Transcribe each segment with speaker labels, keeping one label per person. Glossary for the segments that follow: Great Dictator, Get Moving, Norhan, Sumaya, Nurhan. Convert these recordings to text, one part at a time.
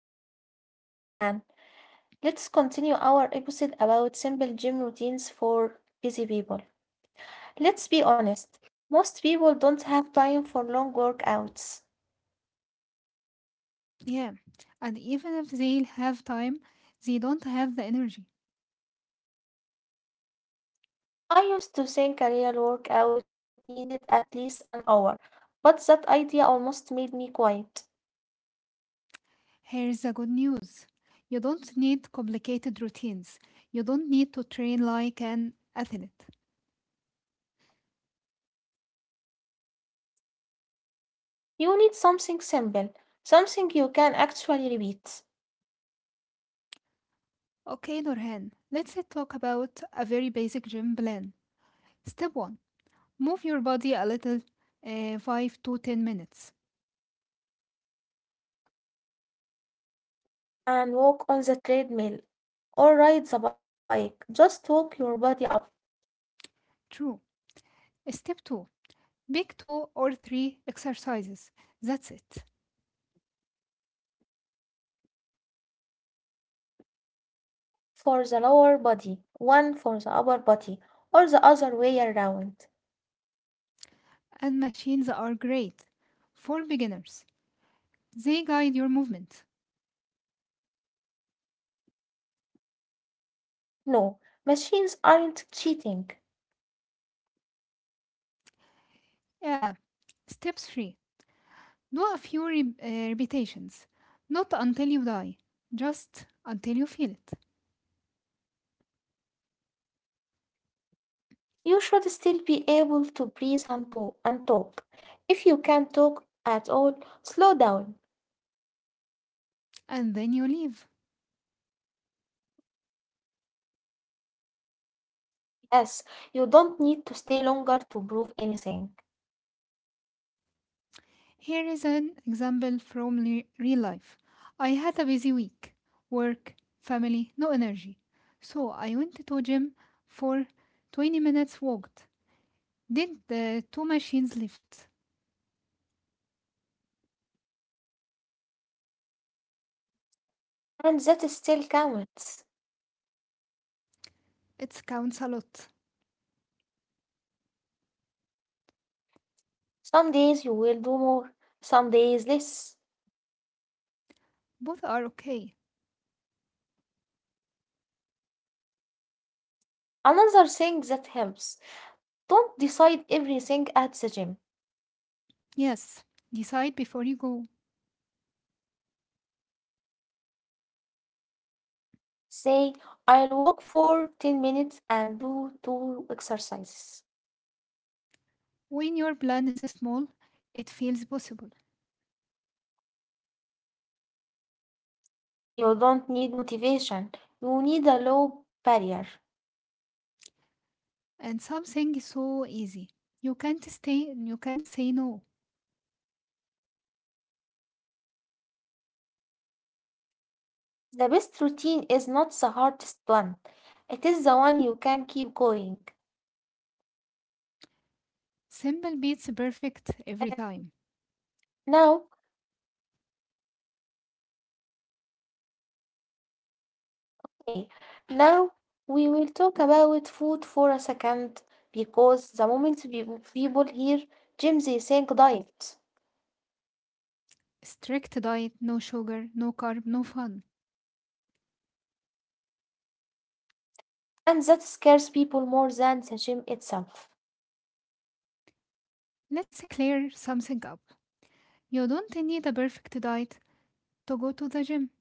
Speaker 1: Hello, I am Nurhan. Let's continue our episode about simple gym routines for busy people. Let's be honest, most people don't have time for long workouts.
Speaker 2: Yeah, and even if they have time, they don't have the energy.
Speaker 1: I used to think a real workout needed at least an hour, but that idea almost made me quiet.
Speaker 2: Here's the good news, you don't need complicated routines, you don't need to train like an athlete.
Speaker 1: You need something simple, something you can actually repeat,
Speaker 2: Okay, Norhan, let's talk about a very basic gym plan. Step 1, move your body a little, 5 to 10 minutes.
Speaker 1: and walk on the treadmill or ride the bike. Just walk your body up.
Speaker 2: True. Step 2, pick 2 or 3 exercises. That's it.
Speaker 1: For the lower body, one for the upper body, or the other way around.
Speaker 2: And machines are great for beginners, they guide your movement.
Speaker 1: No, machines aren't cheating.
Speaker 2: Yeah. Step 3, do a few repetitions. Not until you die, just until you feel it.
Speaker 1: You should still be able to breathe and, and talk. If you can't talk at all, slow down.
Speaker 2: And then you leave.
Speaker 1: Yes, you don't need to stay longer to prove anything.
Speaker 2: Here is an example from real life. I had a busy week, work, family, no energy. So I went to gym for 20 minutes walked. Did the two machines lift?
Speaker 1: And that still counts.
Speaker 2: It counts a lot.
Speaker 1: Some days you will do more, some days less.
Speaker 2: Both are okay.
Speaker 1: Another thing that helps, don't decide everything at the gym.
Speaker 2: Yes, decide before you go.
Speaker 1: Say, I'll walk for 10 minutes and do two exercises.
Speaker 2: When your plan is small, it feels possible.
Speaker 1: You don't need motivation, you need a low barrier.
Speaker 2: And something is so easy. You can't say no.
Speaker 1: The best routine is not the hardest one, it is the one you can keep going.
Speaker 2: Simple beats perfect
Speaker 1: Uh,
Speaker 2: every time.
Speaker 1: now, okay, Now we will talk about food for a second because the moment people hear gym, they think diet,
Speaker 2: Strict diet, no sugar, no carb, no fun.
Speaker 1: and that scares people more than the gym itself.
Speaker 2: Let's clear something up. You don't need a perfect diet to go to the gym.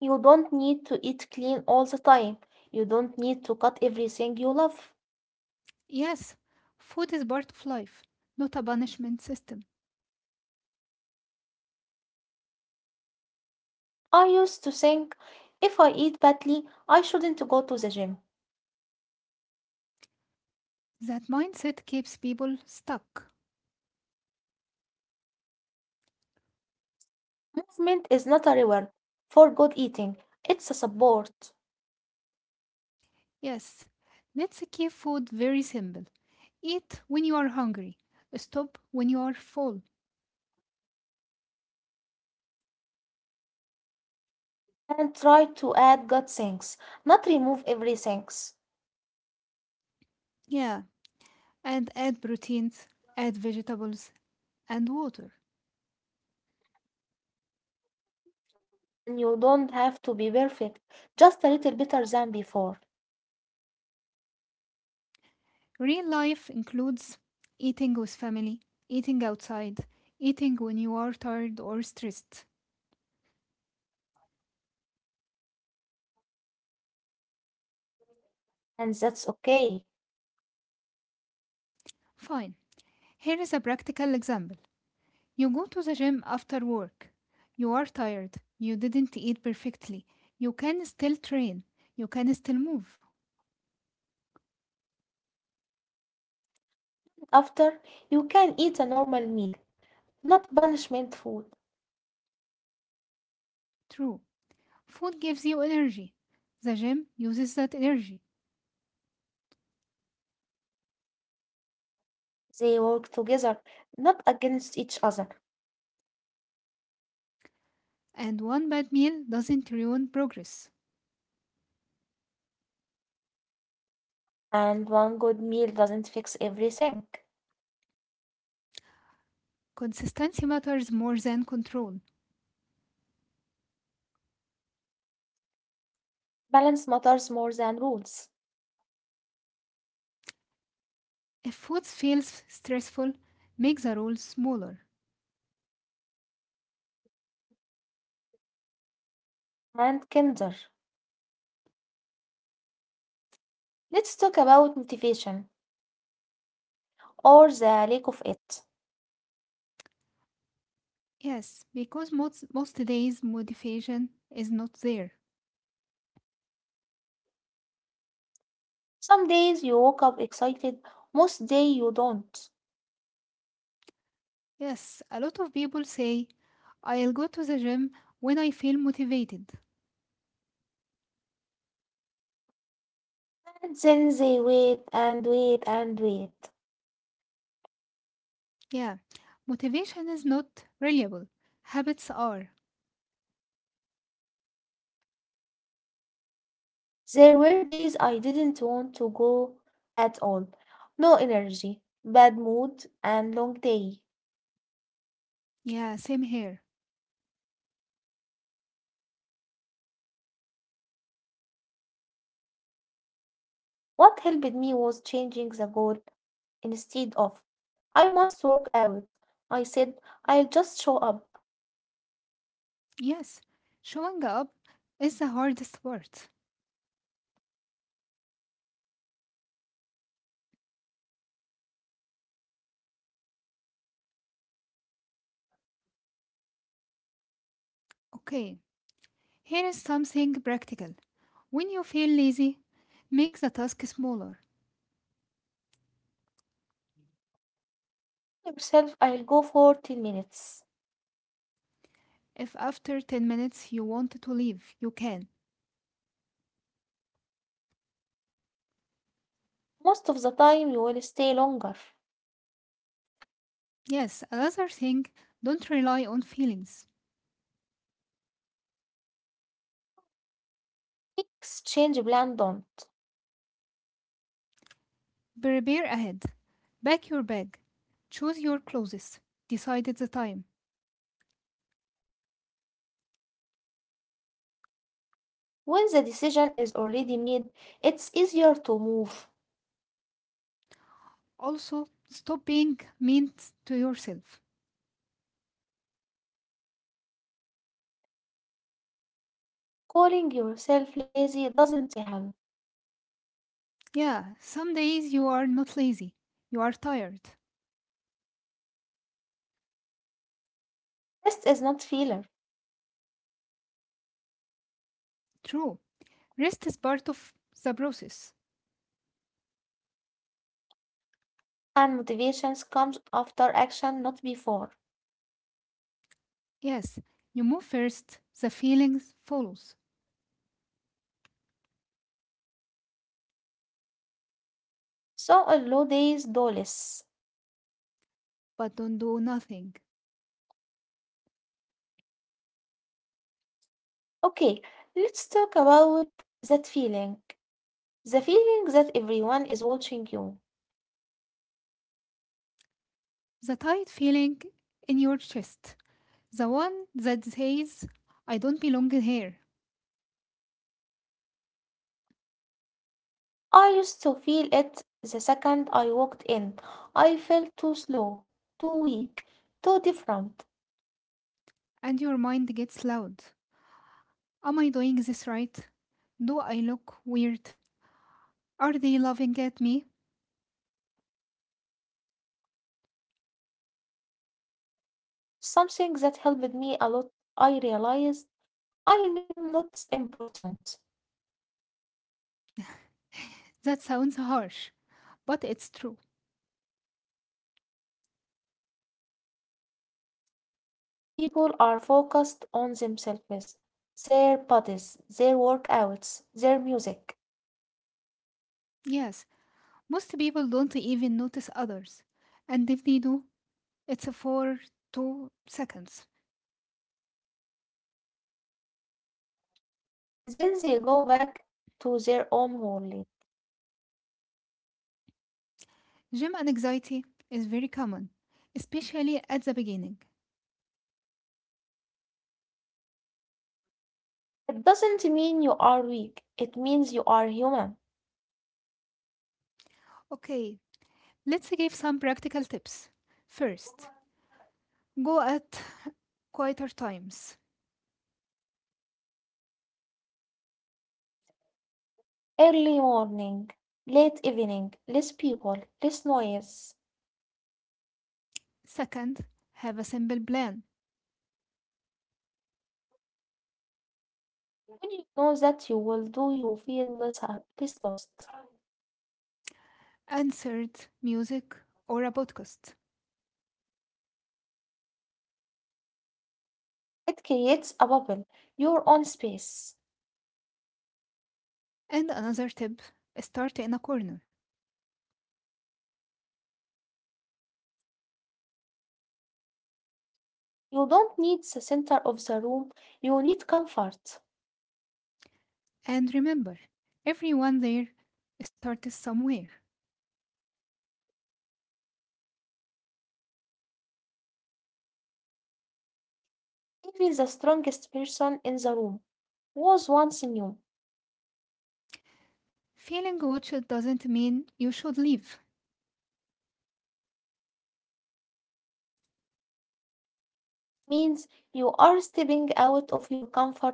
Speaker 1: You don't need to eat clean all the time. You don't need to cut everything you love.
Speaker 2: Yes, food is part of life, not a punishment system.
Speaker 1: I used to think if I eat badly, I shouldn't go to the gym.
Speaker 2: That mindset keeps people stuck.
Speaker 1: Movement is not a reward for good eating, it's a support.
Speaker 2: Yes, let's keep food very simple. Eat when you are hungry. Stop when you are full.
Speaker 1: And try to add good things, not remove everything.
Speaker 2: Yeah, and add proteins, add vegetables, and water.
Speaker 1: And you don't have to be perfect, just a little better than before.
Speaker 2: Real life includes eating with family, eating outside, eating when you are tired or stressed.
Speaker 1: And that's okay.
Speaker 2: Fine. Here is a practical example. You go to the gym after work. You are tired. You didn't eat perfectly. You can still train. You can still move.
Speaker 1: After, you can eat a normal meal, not punishment food.
Speaker 2: True. Food gives you energy. The gym uses that energy.
Speaker 1: They work together, not against each other,
Speaker 2: And one bad meal doesn't ruin progress.
Speaker 1: and one good meal doesn't fix everything.
Speaker 2: Consistency matters more than control.
Speaker 1: Balance matters more than rules.
Speaker 2: If food feels stressful, make the roll smaller.
Speaker 1: And kinder. Let's talk about motivation or the lack of it.
Speaker 2: Yes, because most days motivation is not there.
Speaker 1: Some days you wake up excited, most days you don't.
Speaker 2: Yes, a lot of people say, I'll go to the gym when I feel motivated.
Speaker 1: And then they wait and wait and wait.
Speaker 2: Yeah, motivation is not reliable. Habits are.
Speaker 1: There were days I didn't want to go at all. No energy, bad mood, and long day.
Speaker 2: Yeah, same here.
Speaker 1: What helped me was changing the goal. Instead of I must work out, I said I'll just show up.
Speaker 2: Yes, showing up is the hardest part. Okay, here is something practical. When you feel lazy, make the task smaller.
Speaker 1: Tell yourself I'll go for 10 minutes.
Speaker 2: If after 10 minutes you want to leave, you can.
Speaker 1: Most of the time you will stay longer.
Speaker 2: Yes, another thing, don't rely on feelings.
Speaker 1: Exchange plan don't.
Speaker 2: Prepare ahead. Pack your bag. Choose your clothes. Decide the time.
Speaker 1: When the decision is already made, it's easier to move.
Speaker 2: Also, stop being mean to yourself.
Speaker 1: Calling yourself lazy doesn't help.
Speaker 2: Yeah, some days you are not lazy. You are tired.
Speaker 1: Rest is not failure,
Speaker 2: True. Rest is part of the process.
Speaker 1: and motivations comes after action, not before.
Speaker 2: Yes, you move first, the feelings follows,
Speaker 1: So on low days, do less.
Speaker 2: but don't do nothing.
Speaker 1: Okay, let's talk about that feeling. The feeling that everyone is watching you.
Speaker 2: The tight feeling in your chest, the one that says, I don't belong here,
Speaker 1: I used to feel it the second I walked in. I felt too slow, too weak, too different.
Speaker 2: and your mind gets loud. Am I doing this right? Do I look weird? Are they laughing at me?
Speaker 1: Something that helped me a lot, I realized I am not important.
Speaker 2: That sounds harsh, but it's true.
Speaker 1: People are focused on themselves, their bodies, their workouts, their music.
Speaker 2: Yes, most people don't even notice others, and if they do, it's for 2 seconds.
Speaker 1: Then they go back to their own world.
Speaker 2: Gym anxiety is very common, especially at the beginning.
Speaker 1: It doesn't mean you are weak, it means you are human.
Speaker 2: Okay, let's give some practical tips. First, go at quieter times.
Speaker 1: Early morning, late evening, less people, less noise.
Speaker 2: Second, have a simple plan.
Speaker 1: When you know that you will do, you feel less lost.
Speaker 2: And third, music or a podcast.
Speaker 1: It creates a bubble, your own space.
Speaker 2: And another tip, start in a corner.
Speaker 1: You don't need the center of the room, you need comfort.
Speaker 2: And remember, everyone there starts somewhere.
Speaker 1: Even the strongest person in the room was once new.
Speaker 2: Feeling watched doesn't mean you should leave.
Speaker 1: Means you are stepping out of your comfort zone.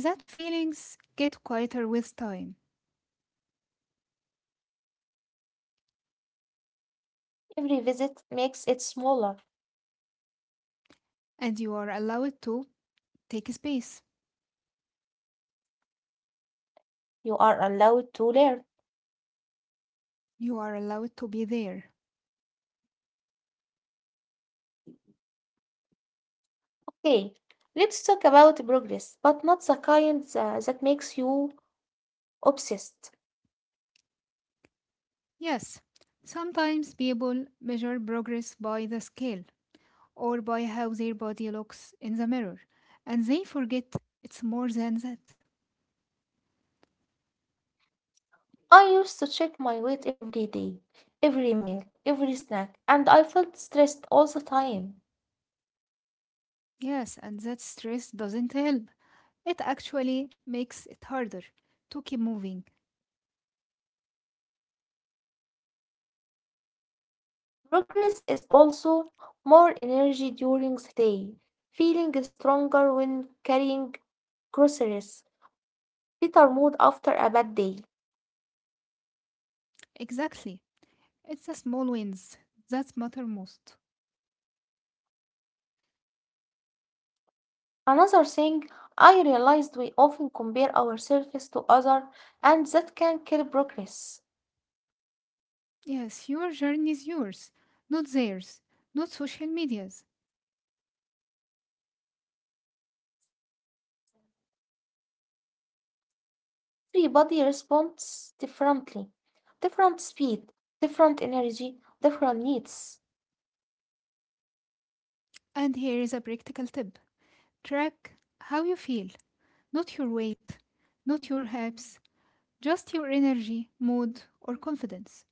Speaker 2: That feelings get quieter with time,
Speaker 1: Every visit makes it smaller.
Speaker 2: and you are allowed to take space.
Speaker 1: You are allowed to learn.
Speaker 2: You are allowed to be there.
Speaker 1: Okay, let's talk about progress, but not the kind that makes you obsessed.
Speaker 2: Yes, sometimes people measure progress by the scale or by how their body looks in the mirror, and they forget it's more than that.
Speaker 1: I used to check my weight every day, every meal, every snack, and I felt stressed all the time.
Speaker 2: Yes, and that stress doesn't help. It actually makes it harder to keep moving.
Speaker 1: Progress is also more energy during the day, feeling stronger when carrying groceries, better mood after a bad day.
Speaker 2: Exactly. It's the small wins that matter most.
Speaker 1: Another thing, I realized we often compare ourselves to others, and that can kill progress.
Speaker 2: Yes, your journey is yours, not theirs, not social media's.
Speaker 1: Everybody responds differently, different speed, different energy, different needs.
Speaker 2: And here is a practical tip, track how you feel, not your weight, not your hips, just your energy, mood, or confidence.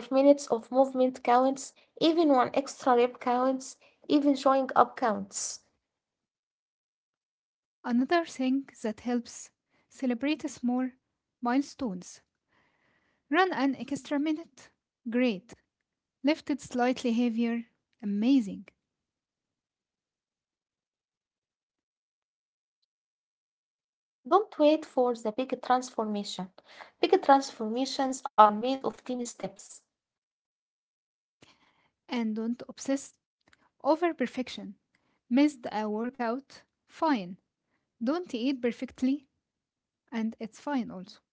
Speaker 1: Even 5 minutes of movement counts, even one extra rep counts, even showing up counts.
Speaker 2: Another thing that helps, celebrate small milestones. Run an extra minute. Great. Lifted slightly heavier. Amazing.
Speaker 1: Don't wait for the big transformation. Big transformations are made of tiny steps.
Speaker 2: And don't obsess over perfection. Missed a workout? Fine. Don't eat perfectly, and it's fine also.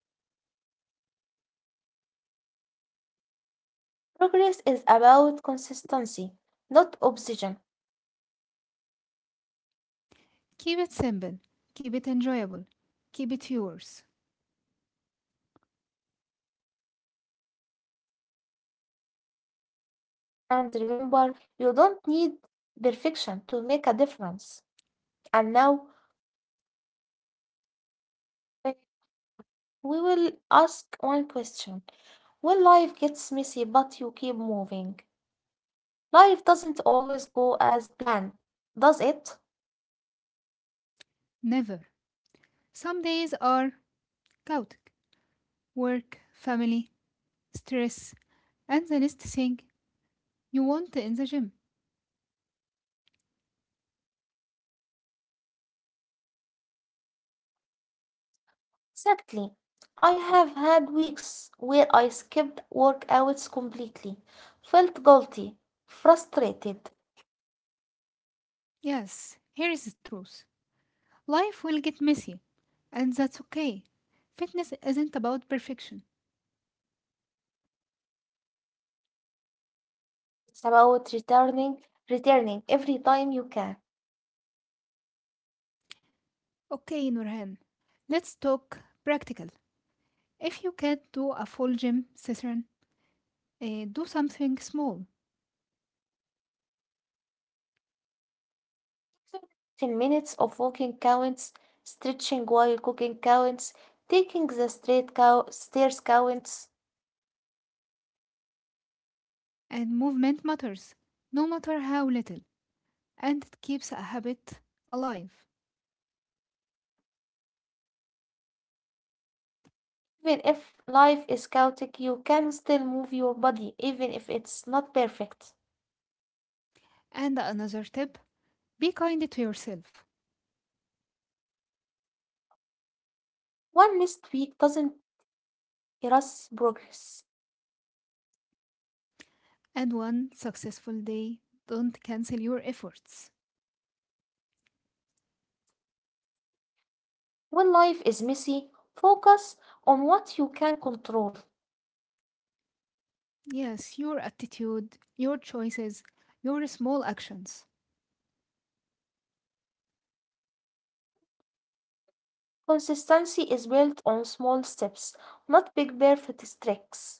Speaker 1: Progress is about consistency, not obsession.
Speaker 2: Keep it simple. Keep it enjoyable. Keep it yours.
Speaker 1: And remember, you don't need perfection to make a difference. And now, we will ask one question. When life gets messy but you keep moving, life doesn't always go as planned, does it?
Speaker 2: Never. Some days are chaotic, work, family, stress, and the least thing you want in the gym.
Speaker 1: Exactly. I have had weeks where I skipped workouts completely, felt guilty, frustrated.
Speaker 2: Yes, here is the truth, life will get messy, and that's okay. Fitness isn't about perfection.
Speaker 1: It's about returning, returning every time you can.
Speaker 2: Okay, Nurhan, let's talk practical. If you can't do a full gym session, do something small,
Speaker 1: 10 minutes of walking counts, stretching while cooking counts, taking the stairs counts.
Speaker 2: and movement matters, no matter how little, and it keeps a habit alive.
Speaker 1: Even if life is chaotic, you can still move your body, even if it's not perfect.
Speaker 2: And another tip, be kind to yourself.
Speaker 1: One missed week doesn't erase progress.
Speaker 2: And one successful day, don't cancel your efforts.
Speaker 1: When life is messy, focus on what you can control.
Speaker 2: Yes, your attitude, your choices, your small actions.
Speaker 1: Consistency is built on small steps, not big perfect tricks.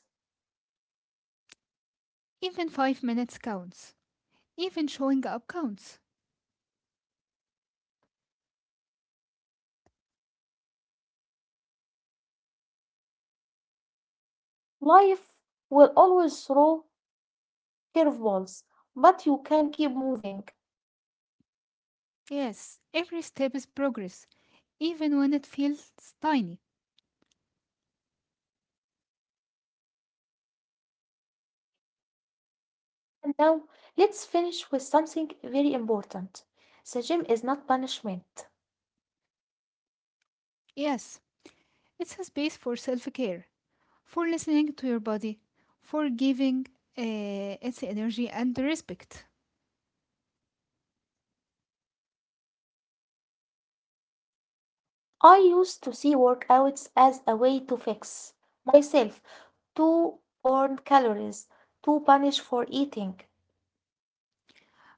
Speaker 2: Even 5 minutes counts. Even showing up counts.
Speaker 1: Life will always throw curveballs, but you can keep moving.
Speaker 2: Yes, every step is progress, even when it feels tiny.
Speaker 1: And now, let's finish with something very important. The gym is not punishment.
Speaker 2: Yes, it's a space for self care, for listening to your body, for giving its energy and respect.
Speaker 1: I used to see workouts as a way to fix myself, to burn calories, to punish for eating.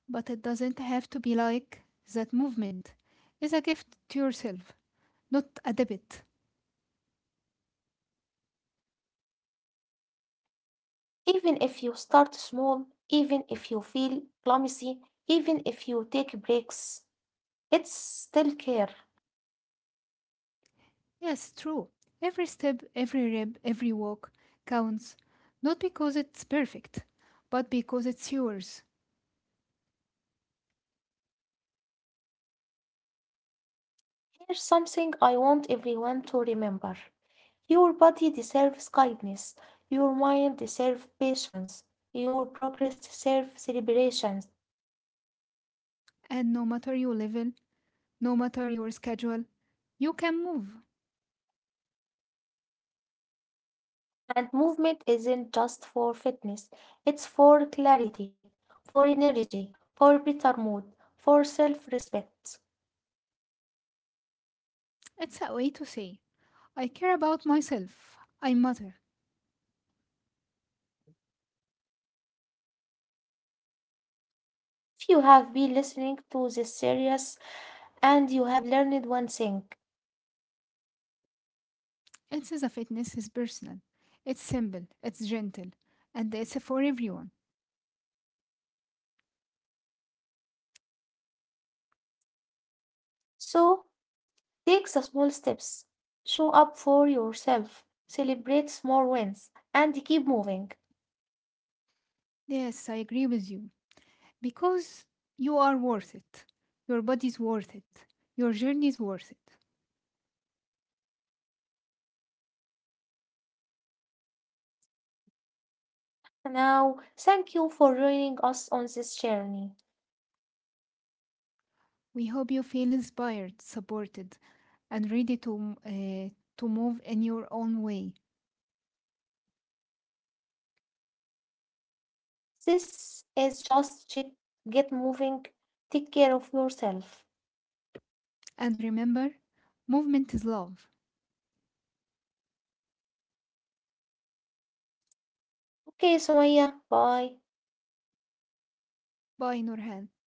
Speaker 2: But it doesn't have to be like that, movement is a gift to yourself, not a debit.
Speaker 1: Even if you start small, even if you feel clumsy, even if you take breaks, it's still care.
Speaker 2: Yes, true. Every step, every rep, every walk counts, not because it's perfect, but because it's yours.
Speaker 1: Here's something I want everyone to remember, your body deserves kindness, your mind deserves patience, your progress deserves celebration.
Speaker 2: And no matter your level, no matter your schedule, you can move.
Speaker 1: And movement isn't just for fitness, it's for clarity, for energy, for better mood, for self respect.
Speaker 2: It's a way to say, I care about myself. I matter.
Speaker 1: If you have been listening to this series and you have learned one thing,
Speaker 2: It says a fitness is personal. It's simple, it's gentle, and it's for everyone.
Speaker 1: so take the small steps, show up for yourself, celebrate small wins, and keep moving.
Speaker 2: Yes, I agree with you. Because you are worth it. Your body's worth it. Your journey is worth it.
Speaker 1: Now, thank you for joining us on this journey.
Speaker 2: We hope you feel inspired, supported, and ready to move in your own way.
Speaker 1: This is just Get Moving. Take care of yourself.
Speaker 2: And remember, movement is love.
Speaker 1: Okay, Sumaya. Bye.
Speaker 2: Bye, Nurhan.